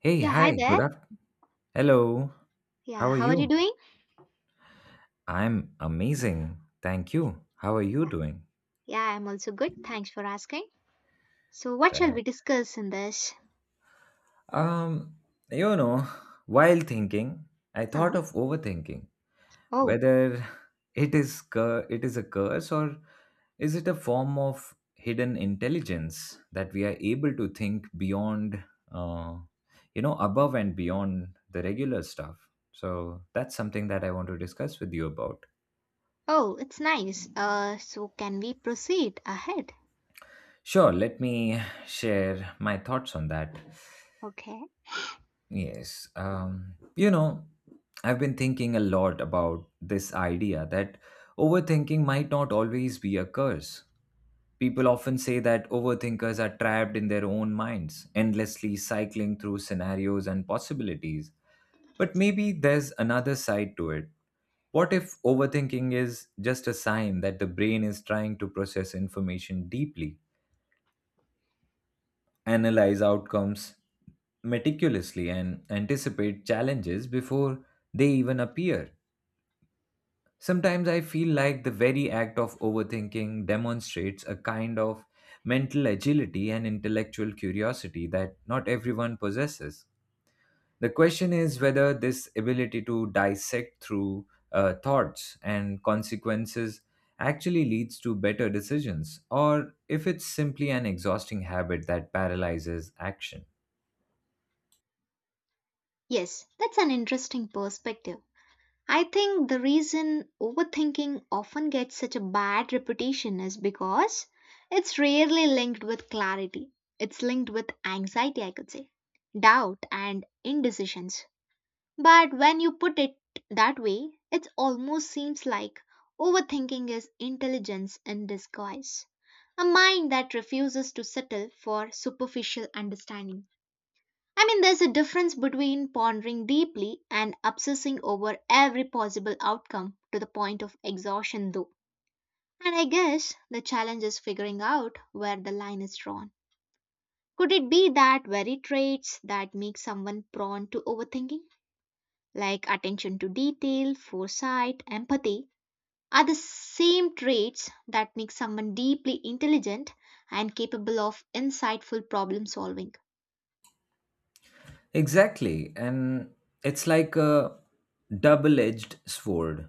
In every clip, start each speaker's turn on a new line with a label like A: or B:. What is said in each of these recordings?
A: Hey,
B: Yeah, hi
A: hi,
B: there.
A: good afternoon. Hello,
B: Yeah,
A: how are
B: how are you
A: you?
B: doing?
A: I'm amazing. Thank
B: Yeah,
A: you. How are you
B: yeah,
A: doing?
B: yeah, I'm also good. Thanks for asking. So, what shall
A: Right.
B: we discuss in this?
A: Um, you know, while thinking, I thought
B: Huh?
A: of overthinking,
B: Oh,
A: whether it is a curse, or is it a form of hidden intelligence that we are able to think beyond, uh, above and beyond the regular stuff. So that's something that I want to discuss with you about.
B: oh, it's nice. So can we proceed ahead?
A: Sure, let me share my thoughts on that.
B: Okay.
A: Yes, I've been thinking a lot about this idea that overthinking might not always be a curse. People often say that overthinkers are trapped in their own minds, endlessly cycling through scenarios and possibilities. But maybe there's another side to it. What if overthinking is just a sign that the brain is trying to process information deeply, analyze outcomes meticulously, and anticipate challenges before they even appear? Sometimes I feel like the very act of overthinking demonstrates a kind of mental agility and intellectual curiosity that not everyone possesses. The question is whether this ability to dissect through thoughts and consequences actually leads to better decisions, or if it's simply an exhausting habit that paralyzes action.
B: Yes, that's an interesting perspective. I think the reason overthinking often gets such a bad reputation is because it's rarely linked with clarity. It's linked with anxiety, I could say, doubt, and indecisions. But when you put it that way, it almost seems like overthinking is intelligence in disguise. A mind that refuses to settle for superficial understanding. I mean, there's a difference between pondering deeply and obsessing over every possible outcome to the point of exhaustion, though. And I guess the challenge is figuring out where the line is drawn. Could it be that very traits that make someone prone to overthinking? Like attention to detail, foresight, empathy, are the same traits that make someone deeply intelligent and capable of insightful problem solving.
A: Exactly. And it's like a double edged sword.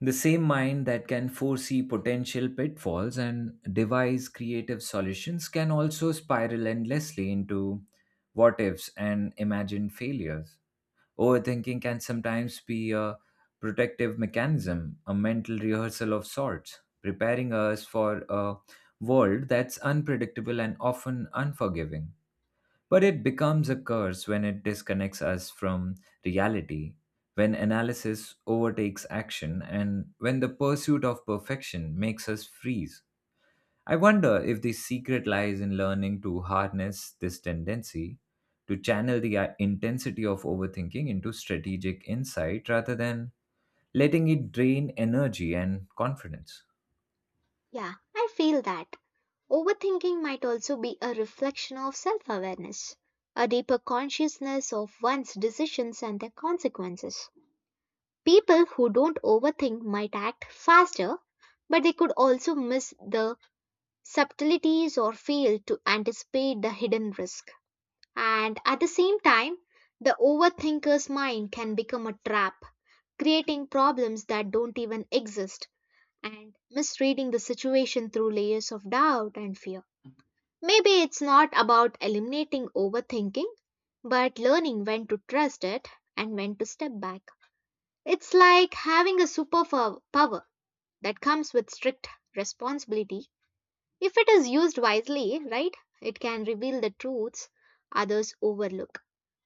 A: The same mind that can foresee potential pitfalls and devise creative solutions can also spiral endlessly into what ifs and imagined failures. Overthinking can sometimes be a protective mechanism, a mental rehearsal of sorts, preparing us for a world that's unpredictable and often unforgiving. But it becomes a curse when it disconnects us from reality, when analysis overtakes action, and when the pursuit of perfection makes us freeze. I wonder if the secret lies in learning to harness this tendency, to channel the intensity of overthinking into strategic insight rather than letting it drain energy and confidence.
B: Yeah, I feel that. Overthinking might also be a reflection of self awareness, a deeper consciousness of one's decisions and their consequences. People who don't overthink might act faster, but they could also miss the subtleties or fail to anticipate the hidden risk. And at the same time, the overthinker's mind can become a trap, creating problems that don't even exist and misreading the situation through layers of doubt and fear. Maybe it's not about eliminating overthinking, but learning when to trust it and when to step back. It's like having a superpower power that comes with strict responsibility. If it is used wisely, right, it can reveal the truths others overlook.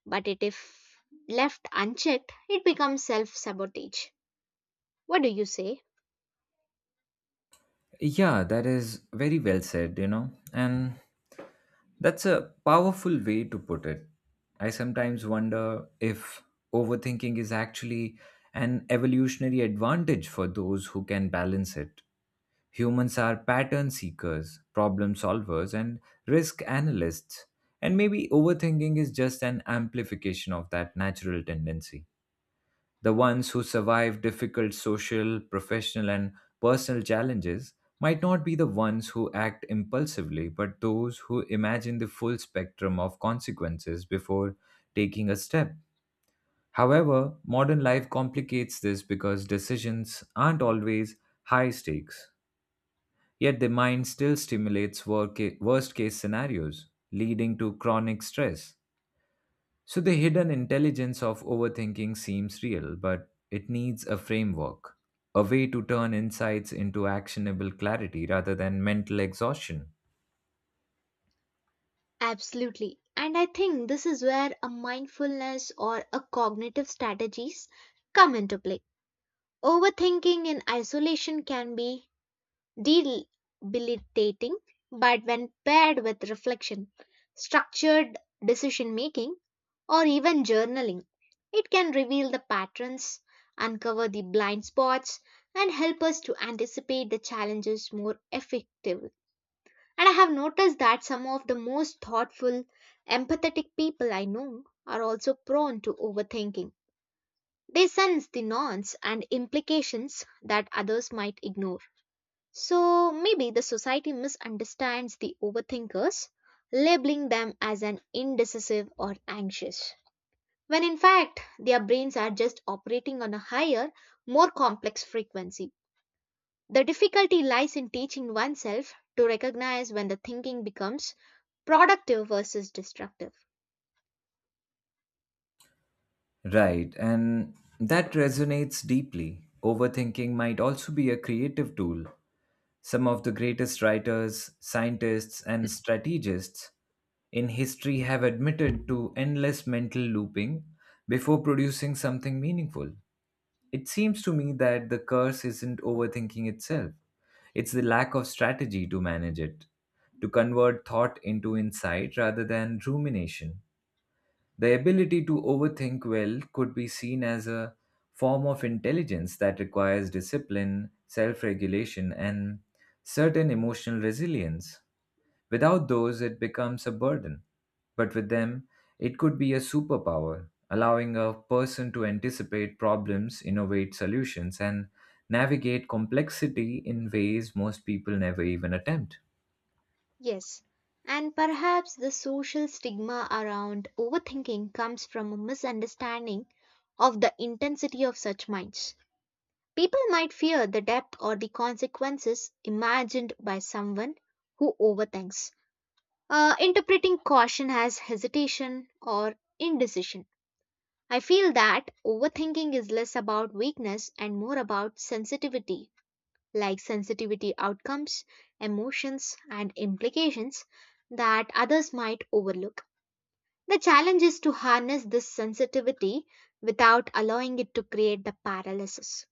B: But it if left unchecked, it becomes self sabotage. What do you say?
A: Yeah, that is very well said, you know. And that's a powerful way to put it. I sometimes wonder if overthinking is actually an evolutionary advantage for those who can balance it. Humans are pattern seekers, problem solvers, and risk analysts, and maybe overthinking is just an amplification of that natural tendency. The ones who survive difficult social, professional, and personal challenges might not be the ones who act impulsively, but those who imagine the full spectrum of consequences before taking a step. However, modern life complicates this because decisions aren't always high stakes, yet the mind still stimulates worst case scenarios, leading to chronic stress. So the hidden intelligence of overthinking seems real, but it needs a framework, a way to turn insights into actionable clarity rather than mental exhaustion.
B: Absolutely. And I think this is where a mindfulness or a cognitive strategies come into play. Overthinking in isolation can be debilitating, but when paired with reflection, structured decision making, or even journaling, it can reveal the patterns, uncover the blind spots, and help us to anticipate the challenges more effectively. And I have noticed that some of the most thoughtful, empathetic people I know are also prone to overthinking. They sense the nuance and implications that others might ignore. So maybe the society misunderstands the overthinkers, labeling them as an indecisive or anxious. When in fact, their brains are just operating on a higher, more complex frequency. The difficulty lies in teaching oneself to recognize when the thinking becomes productive versus destructive.
A: Right, and that resonates deeply. Overthinking might also be a creative tool. Some of the greatest writers, scientists, and strategists in history have admitted to endless mental looping before producing something meaningful. It seems to me that the curse isn't overthinking itself, it's the lack of strategy to manage it, to convert thought into insight rather than rumination. The ability to overthink well could be seen as a form of intelligence that requires discipline, self regulation, and certain emotional resilience. Without those, it becomes a burden. But with them, it could be a superpower, allowing a person to anticipate problems, innovate solutions, and navigate complexity in ways most people never even attempt.
B: Yes, and perhaps the social stigma around overthinking comes from a misunderstanding of the intensity of such minds. People might fear the depth or the consequences imagined by someone who overthinks, interpreting caution as hesitation or indecision. I feel that overthinking is less about weakness and more about sensitivity, like sensitivity outcomes, emotions, and implications that others might overlook. The challenge is to harness this sensitivity without allowing it to create the paralysis.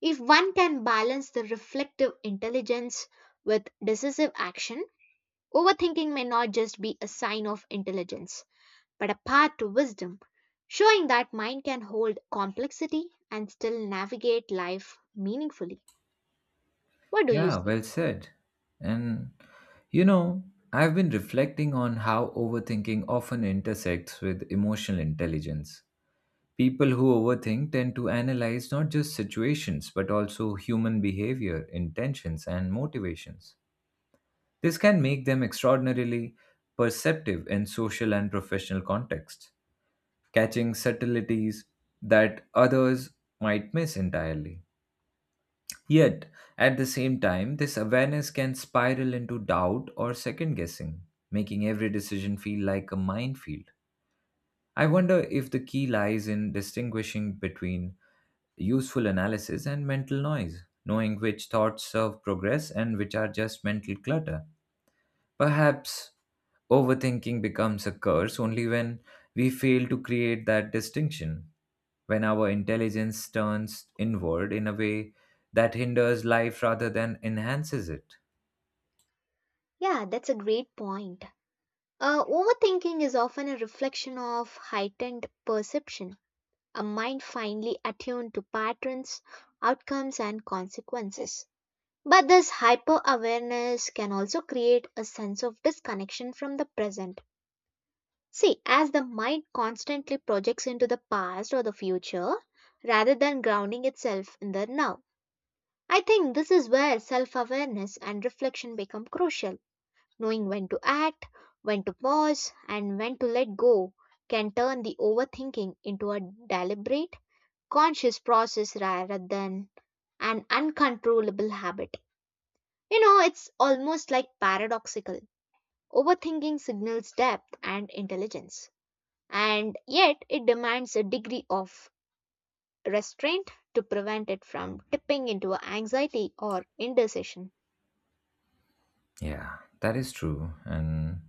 B: If one can balance the reflective intelligence with decisive action, overthinking may not just be a sign of intelligence, but a path to wisdom, showing that mind can hold complexity and still navigate life meaningfully. What do you
A: Yeah,
B: say?
A: well said. And you know, I've been reflecting on how overthinking often intersects with emotional intelligence. People who overthink tend to analyze not just situations, but also human behavior, intentions, and motivations. This can make them extraordinarily perceptive in social and professional contexts, catching subtleties that others might miss entirely. Yet, at the same time, this awareness can spiral into doubt or second guessing, making every decision feel like a minefield. I wonder if the key lies in distinguishing between useful analysis and mental noise, knowing which thoughts serve progress and which are just mental clutter. Perhaps overthinking becomes a curse only when we fail to create that distinction, when our intelligence turns inward in a way that hinders life rather than enhances it.
B: Yeah, that's a great point. Overthinking is often a reflection of heightened perception, a mind finely attuned to patterns, outcomes, and consequences. But this hyper awareness can also create a sense of disconnection from the present. See, as the mind constantly projects into the past or the future rather than grounding itself in the now. I think this is where self awareness and reflection become crucial. Knowing when to act, when to pause, and when to let go can turn the overthinking into a deliberate, conscious process rather than an uncontrollable habit. You know, it's almost like paradoxical. Overthinking signals depth and intelligence, and yet it demands a degree of restraint to prevent it from tipping into anxiety or indecision.
A: Yeah, that is true. And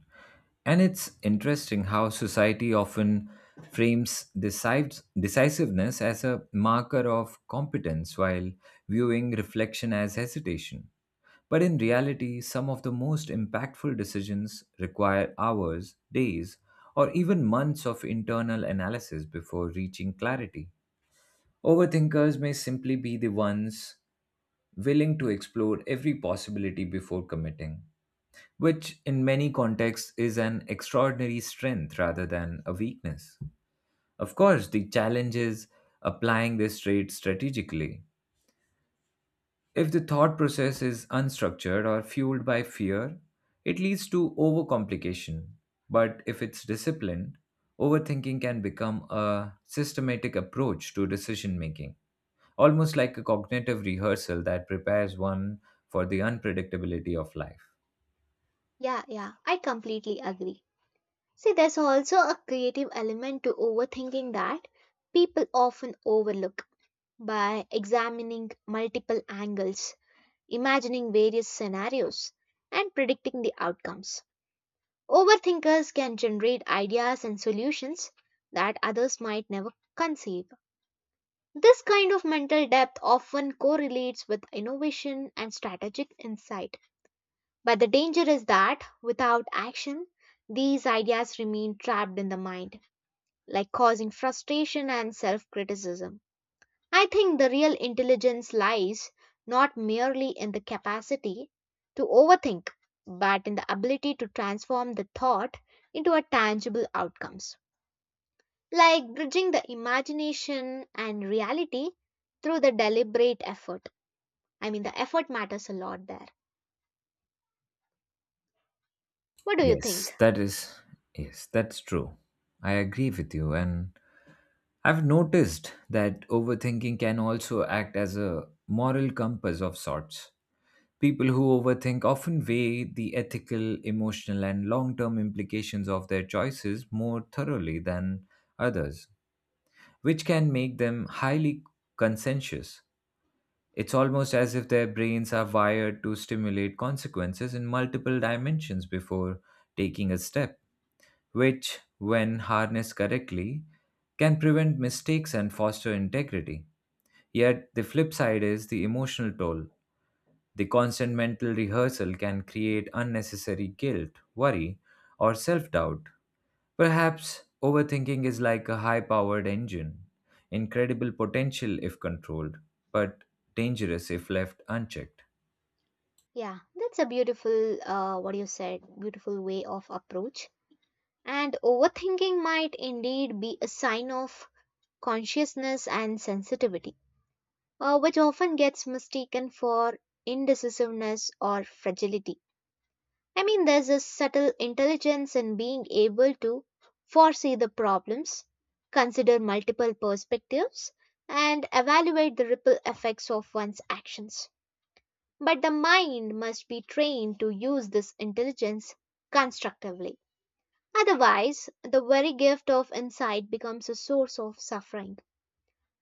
A: and it's interesting how society often frames decisiveness as a marker of competence while viewing reflection as hesitation. But in reality, some of the most impactful decisions require hours, days, or even months of internal analysis before reaching clarity. Overthinkers may simply be the ones willing to explore every possibility before committing, which in many contexts is an extraordinary strength rather than a weakness. Of course, the challenge is applying this trait strategically. If the thought process is unstructured or fueled by fear, it leads to overcomplication. But if it's disciplined, overthinking can become a systematic approach to decision making, almost like a cognitive rehearsal that prepares one for the unpredictability of life.
B: Yeah, I completely agree. See, there's also a creative element to overthinking that people often overlook by examining multiple angles, imagining various scenarios, and predicting the outcomes. Overthinkers can generate ideas and solutions that others might never conceive. This kind of mental depth often correlates with innovation and strategic insight. But the danger is that without action, these ideas remain trapped in the mind, like causing frustration and self criticism. I think the real intelligence lies not merely in the capacity to overthink, but in the ability to transform the thought into a tangible outcomes, like bridging the imagination and reality through the deliberate effort. I mean, the effort matters a lot there. What do you think?
A: Yes, that is, yes, that's true. I agree with you. And I've noticed that overthinking can also act as a moral compass of sorts. People who overthink often weigh the ethical, emotional, and long term implications of their choices more thoroughly than others, which can make them highly conscientious. It's almost as if their brains are wired to stimulate consequences in multiple dimensions before taking a step, which, when harnessed correctly, can prevent mistakes and foster integrity. Yet, the flip side is the emotional toll. The constant mental rehearsal can create unnecessary guilt, worry, or self doubt. Perhaps overthinking is like a high powered engine, incredible potential if controlled, but dangerous if left unchecked.
B: Yeah, that's a beautiful, what you said, beautiful way of approach. And overthinking might indeed be a sign of consciousness and sensitivity which often gets mistaken for indecisiveness or fragility. I mean, there's a subtle intelligence in being able to foresee the problems, consider multiple perspectives, and evaluate the ripple effects of one's actions. But the mind must be trained to use this intelligence constructively. Otherwise, the very gift of insight becomes a source of suffering.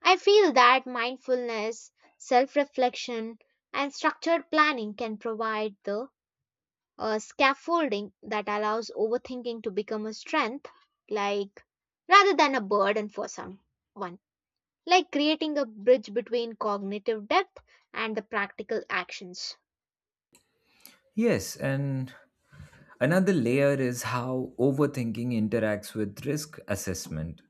B: I feel that mindfulness, self reflection, and structured planning can provide the scaffolding that allows overthinking to become a strength, like rather than a burden for someone, like creating a bridge between cognitive depth and the practical actions.
A: Yes, and another layer is how overthinking interacts with risk assessment.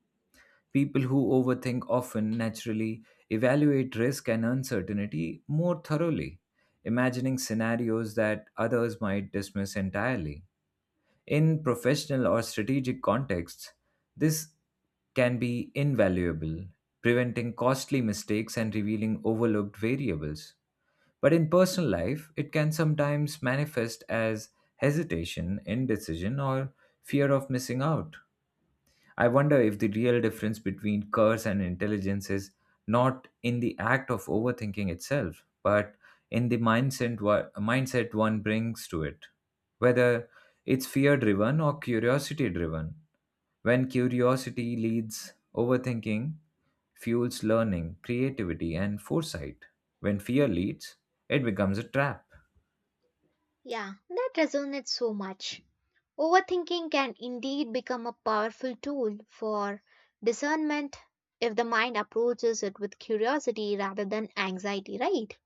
A: People who overthink often naturally evaluate risk and uncertainty more thoroughly, imagining scenarios that others might dismiss entirely. In professional or strategic contexts, this can be invaluable, preventing costly mistakes and revealing overlooked variables. But in personal life, it can sometimes manifest as hesitation, indecision, or fear of missing out. I wonder if the real difference between curse and intelligence is not in the act of overthinking itself, but in the mindset one brings to it, whether it's fear driven or curiosity driven. When curiosity leads overthinking, fuels learning, creativity, and foresight. When fear leads, it becomes a trap.
B: Yeah, that resonates so much. Overthinking can indeed become a powerful tool for discernment if the mind approaches it with curiosity rather than anxiety, right?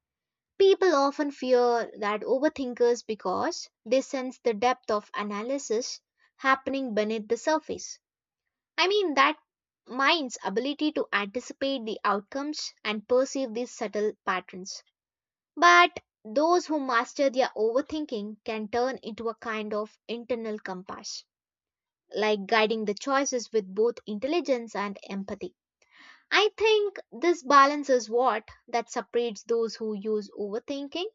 B: People often fear that overthinkers because they sense the depth of analysis happening beneath the surface. I mean, that mind's ability to anticipate the outcomes and perceive these subtle patterns. But those who master their overthinking can turn into a kind of internal compass like guiding the choices with both intelligence and empathy. I think this balance is what that separates those who use overthinking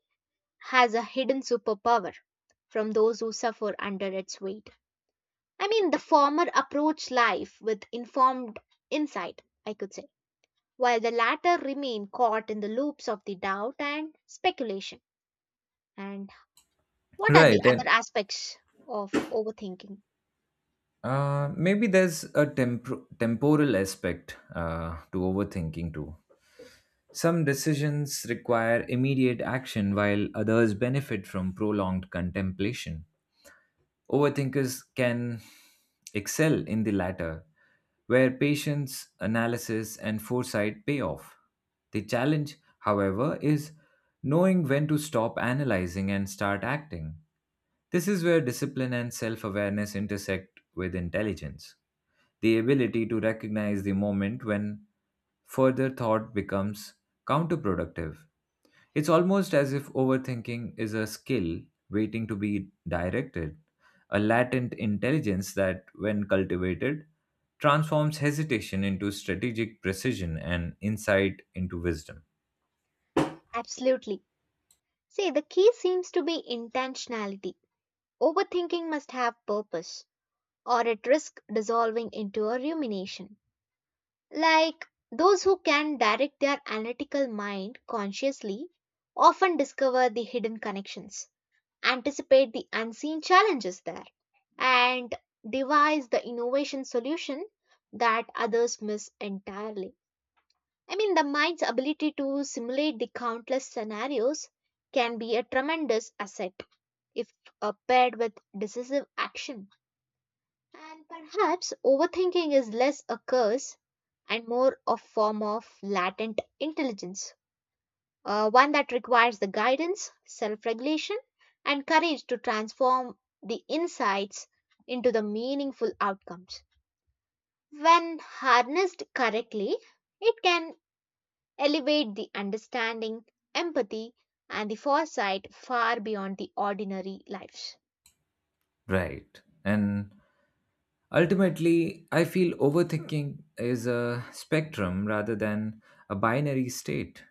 B: has a hidden superpower from those who suffer under its weight. I mean, the former approach life with informed insight, I could say, while the latter remain caught in the loops of the doubt and speculation. And what are the
A: Right,
B: other
A: and
B: aspects of overthinking?
A: maybe there's a temporal aspect to overthinking too. Some decisions require immediate action while others benefit from prolonged contemplation. Overthinkers can excel in the latter, where patience, analysis, and foresight pay off. The challenge, however, is knowing when to stop analyzing and start acting. This is where discipline and self awareness intersect with intelligence, the ability to recognize the moment when further thought becomes counterproductive. It's almost as if overthinking is a skill waiting to be directed, a latent intelligence that, when cultivated, transforms hesitation into strategic precision and insight into wisdom.
B: Absolutely. See, the key seems to be intentionality. Overthinking must have purpose, or it risks dissolving into a rumination. Like those who can direct their analytical mind consciously often discover the hidden connections, anticipate the unseen challenges there, and devise the innovation solution that others miss entirely. I mean, the mind's ability to simulate the countless scenarios can be a tremendous asset if paired with decisive action. And perhaps overthinking is less a curse and more a form of latent intelligence, one that requires the guidance, self regulation, and courage to transform the insights into the meaningful outcomes. When harnessed correctly, it can elevate the understanding, empathy, and the foresight far beyond the ordinary lives.
A: Right. And ultimately, I feel overthinking is a spectrum rather than a binary state.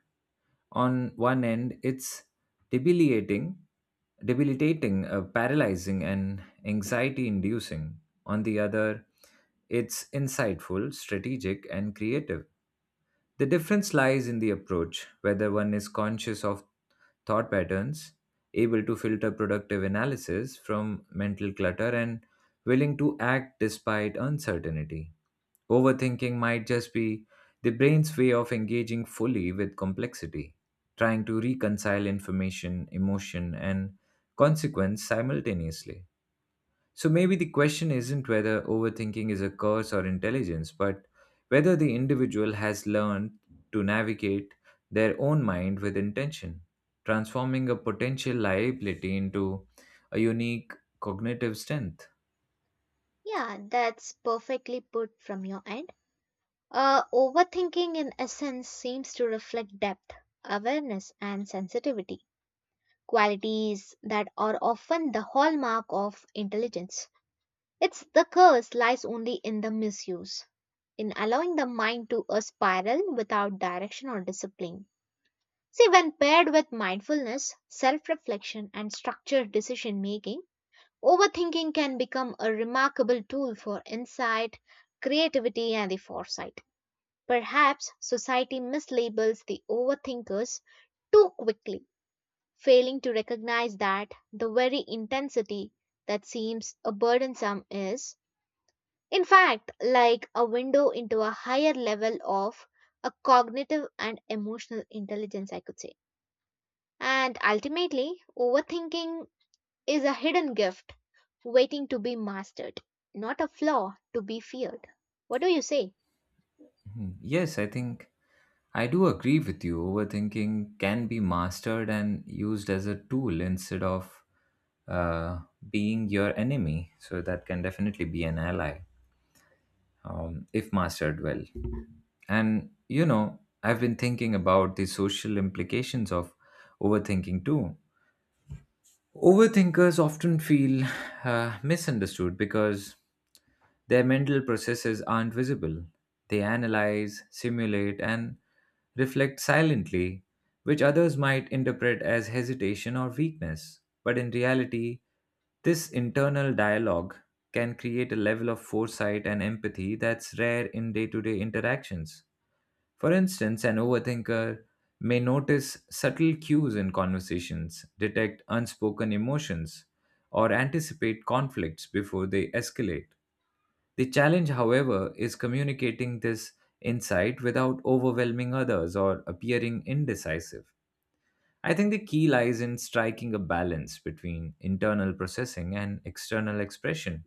A: On one end, it's debilitating, debilitating, paralyzing, and anxiety inducing. On the other, it's insightful, strategic, and creative. The difference lies in the approach, whether one is conscious of thought patterns, able to filter productive analysis from mental clutter, and willing to act despite uncertainty. Overthinking might just be the brain's way of engaging fully with complexity, trying to reconcile information, emotion, and consequence simultaneously. So maybe the question isn't whether overthinking is a curse or intelligence, but whether the individual has learned to navigate their own mind with intention, transforming a potential liability into a unique cognitive strength.
B: Yeah, that's perfectly put from your end. Overthinking, in essence, seems to reflect depth, awareness, and sensitivity, qualities that are often the hallmark of intelligence. It's the curse lies only in the misuse, in allowing the mind to a spiral without direction or discipline. See, when paired with mindfulness, self reflection, and structured decision making, overthinking can become a remarkable tool for insight, creativity, and the foresight. Perhaps society mislabels the overthinkers too quickly, failing to recognize that the very intensity that seems a burdensome is, in fact, like a window into a higher level of a cognitive and emotional intelligence, I could say. And ultimately, overthinking is a hidden gift waiting to be mastered, not a flaw to be feared. What do you say?
A: Mhm. Yes, I think I do agree with you. Overthinking can be mastered and used as a tool instead of uh, being your enemy. So that can definitely be an ally, if mastered well. And you know, I've been thinking about the social implications of overthinking too. Overthinkers often feel misunderstood because their mental processes aren't visible. They analyze, simulate, and reflect silently, which others might interpret as hesitation or weakness. But in reality, this internal dialogue can create a level of foresight and empathy that's rare in day to day interactions. For instance, an overthinker may notice subtle cues in conversations, detect unspoken emotions, or anticipate conflicts before they escalate. The challenge, however, is communicating this insight without overwhelming others or appearing indecisive. I think the key lies in striking a balance between internal processing and external expression,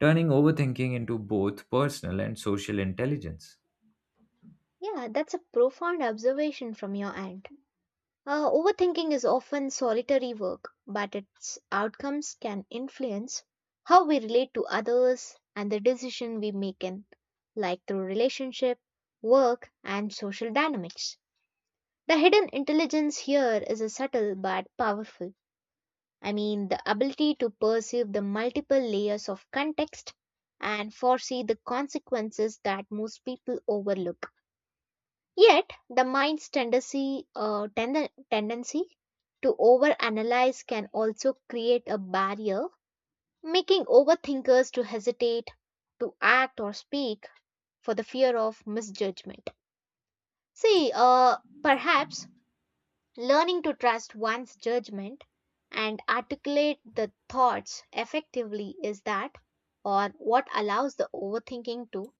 A: turning overthinking into both personal and social intelligence.
B: Yeah, that's a profound observation from your end. Overthinking is often solitary work, but its outcomes can influence how we relate to others and the decision we make in, like through relationship, work, and social dynamics. The hidden intelligence here is a subtle but powerful. I mean, the ability to perceive the multiple layers of context and foresee the consequences that most people overlook. Yet, the mind's tendency, tendency to overanalyze can also create a barrier, making overthinkers to hesitate to act or speak for the fear of misjudgment. See, perhaps learning to trust one's judgment and articulate the thoughts effectively is that or what allows the overthinking to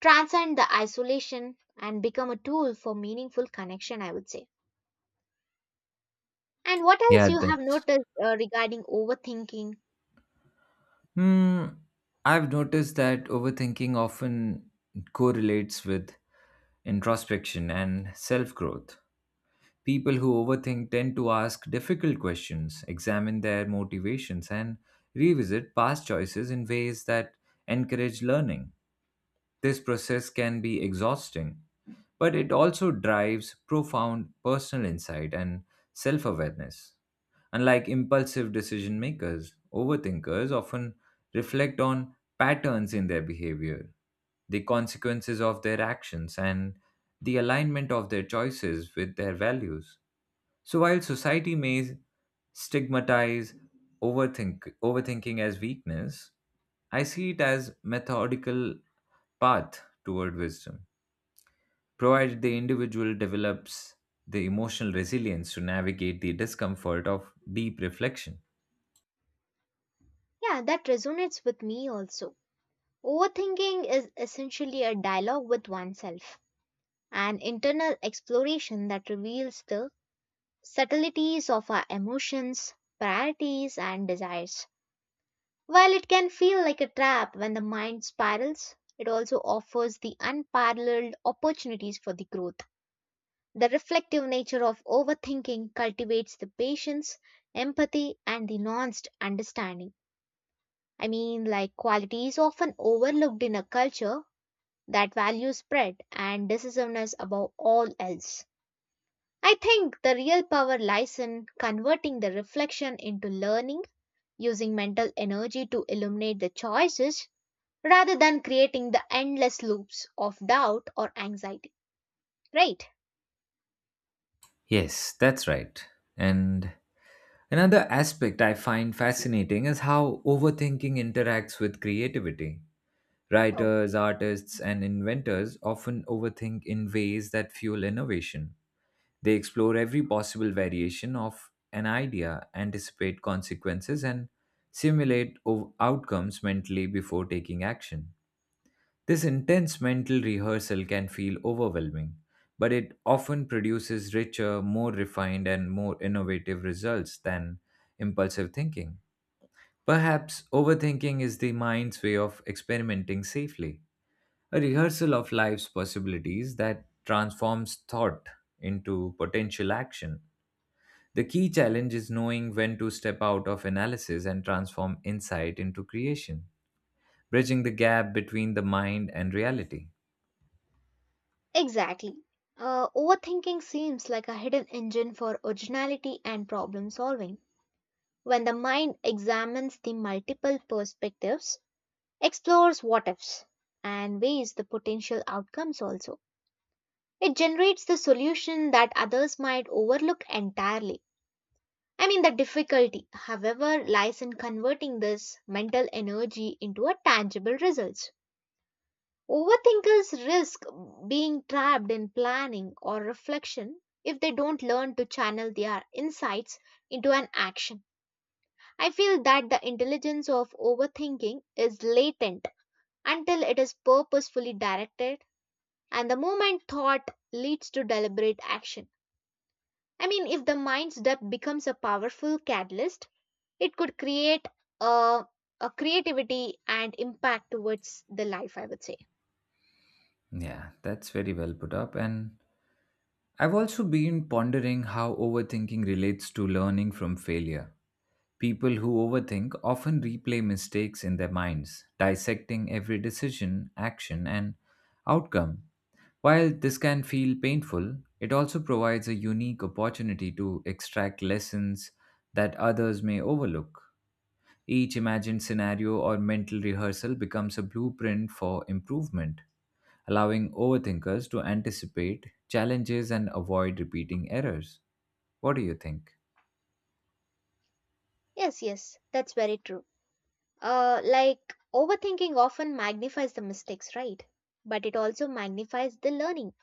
B: transcend the isolation and become a tool for meaningful connection, I would say. And what else
A: Yeah,
B: you
A: that
B: have noticed regarding overthinking?
A: Hmm, I've noticed that overthinking often correlates with introspection and self growth. People who overthink tend to ask difficult questions, examine their motivations, and revisit past choices in ways that encourage learning. This process can be exhausting, but it also drives profound personal insight and self awareness. Unlike impulsive decision makers, overthinkers often reflect on patterns in their behavior, the consequences of their actions, and the alignment of their choices with their values. So while society may stigmatize overthinking as weakness, I see it as methodical path toward wisdom, provided the individual develops the emotional resilience to navigate the discomfort of deep reflection.
B: Yeah, that resonates with me also. Overthinking is essentially a dialogue with oneself, an internal exploration that reveals the subtleties of our emotions, priorities, and desires. While it can feel like a trap when the mind spirals, it also offers the unparalleled opportunities for the growth. The reflective nature of overthinking cultivates the patience, empathy, and the nuanced understanding. I mean, like qualities often overlooked in a culture that values spread and decisiveness above all else. I think the real power lies in converting the reflection into learning, using mental energy to illuminate the choices rather than creating the endless loops of doubt or anxiety. Right?
A: Yes, that's right. And another aspect I find fascinating is how overthinking interacts with creativity. Writers, artists, and inventors often overthink in ways that fuel innovation. They explore every possible variation of an idea, anticipate consequences, and simulate outcomes mentally before taking action. This intense mental rehearsal can feel overwhelming, but it often produces richer, more refined, and more innovative results than impulsive thinking. Perhaps overthinking is the mind's way of experimenting safely, a rehearsal of life's possibilities that transforms thought into potential action. The key challenge is knowing when to step out of analysis and transform insight into creation, bridging the gap between the mind and reality.
B: Exactly. Overthinking seems like a hidden engine for originality and problem solving. When the mind examines the multiple perspectives, explores what ifs, and weighs the potential outcomes also, it generates the solution that others might overlook entirely. I mean, the difficulty, however, lies in converting this mental energy into a tangible result. Overthinkers risk being trapped in planning or reflection if they don't learn to channel their insights into an action. I feel that the intelligence of overthinking is latent until it is purposefully directed, and the moment thought leads to deliberate action. I mean, if the mind's depth becomes a powerful catalyst, it could create a, a creativity and impact towards the life, I would say.
A: Yeah, that's very well put up. And I've also been pondering how overthinking relates to learning from failure. People who overthink often replay mistakes in their minds, dissecting every decision, action, and outcome. While this can feel painful, it also provides a unique opportunity to extract lessons that others may overlook. Each imagined scenario or mental rehearsal becomes a blueprint for improvement, allowing overthinkers to anticipate challenges and avoid repeating errors. What do you think?
B: Yes, that's very true. Like overthinking often magnifies the mistakes, right? But it also magnifies the learning.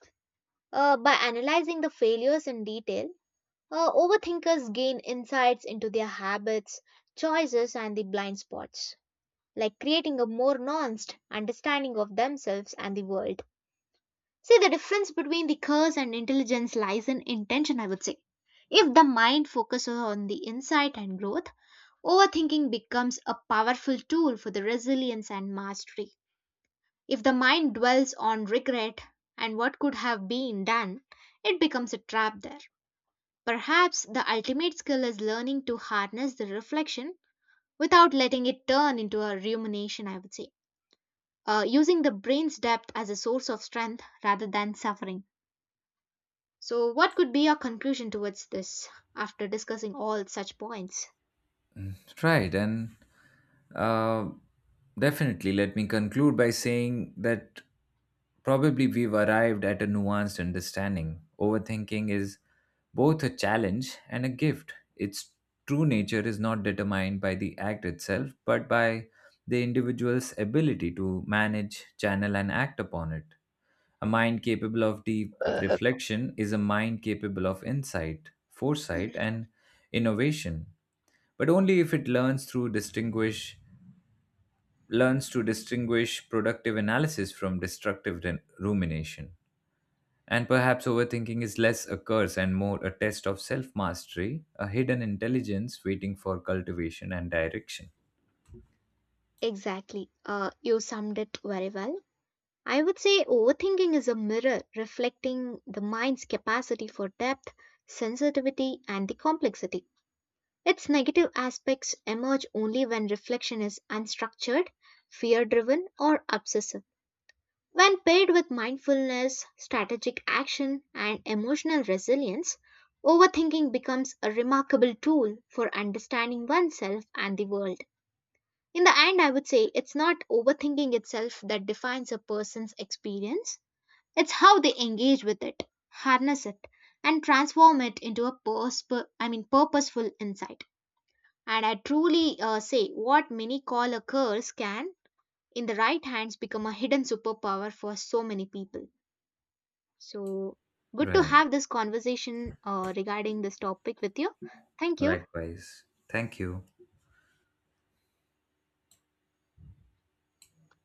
B: By analyzing the failures in detail, overthinkers gain insights into their habits, choices, and the blind spots, like creating a more nuanced understanding of themselves and the world. See, the difference between the curse and intelligence lies in intention, I would say. If the mind focuses on the insight and growth, overthinking becomes a powerful tool for the resilience and mastery. If the mind dwells on regret and what could have been done, it becomes a trap there. Perhaps the ultimate skill is learning to harness the reflection without letting it turn into a rumination, I would say. Using the brain's depth as a source of strength rather than suffering. So, what could be your conclusion towards this after discussing all such points?
A: Right. And uh, definitely, let me conclude by saying that probably we've arrived at a nuanced understanding. Overthinking is both a challenge and a gift. Its true nature is not determined by the act itself, but by the individual's ability to manage, channel, and act upon it. A mind capable of deep reflection is a mind capable of insight, foresight, and innovation, but only if it learns to distinguish productive analysis from destructive rumination. And perhaps overthinking is less a curse and more a test of self mastery, a hidden intelligence waiting for cultivation and direction.
B: Exactly. You summed it very well. I would say overthinking is a mirror reflecting the mind's capacity for depth, sensitivity, and the complexity. Its negative aspects emerge only when reflection is unstructured, fear driven, or obsessive. When paired with mindfulness, strategic action, and emotional resilience, overthinking becomes a remarkable tool for understanding oneself and the world. In the end, I would say it's not overthinking itself that defines a person's experience it's how they engage with it, harness it, and transform it into a I mean purposeful insight. And I truly say what many call a curse can, in the right hands, become a hidden superpower for so many people. So good to
A: Right.
B: have this conversation regarding this topic with you. Thank you.
A: Likewise. Thank you.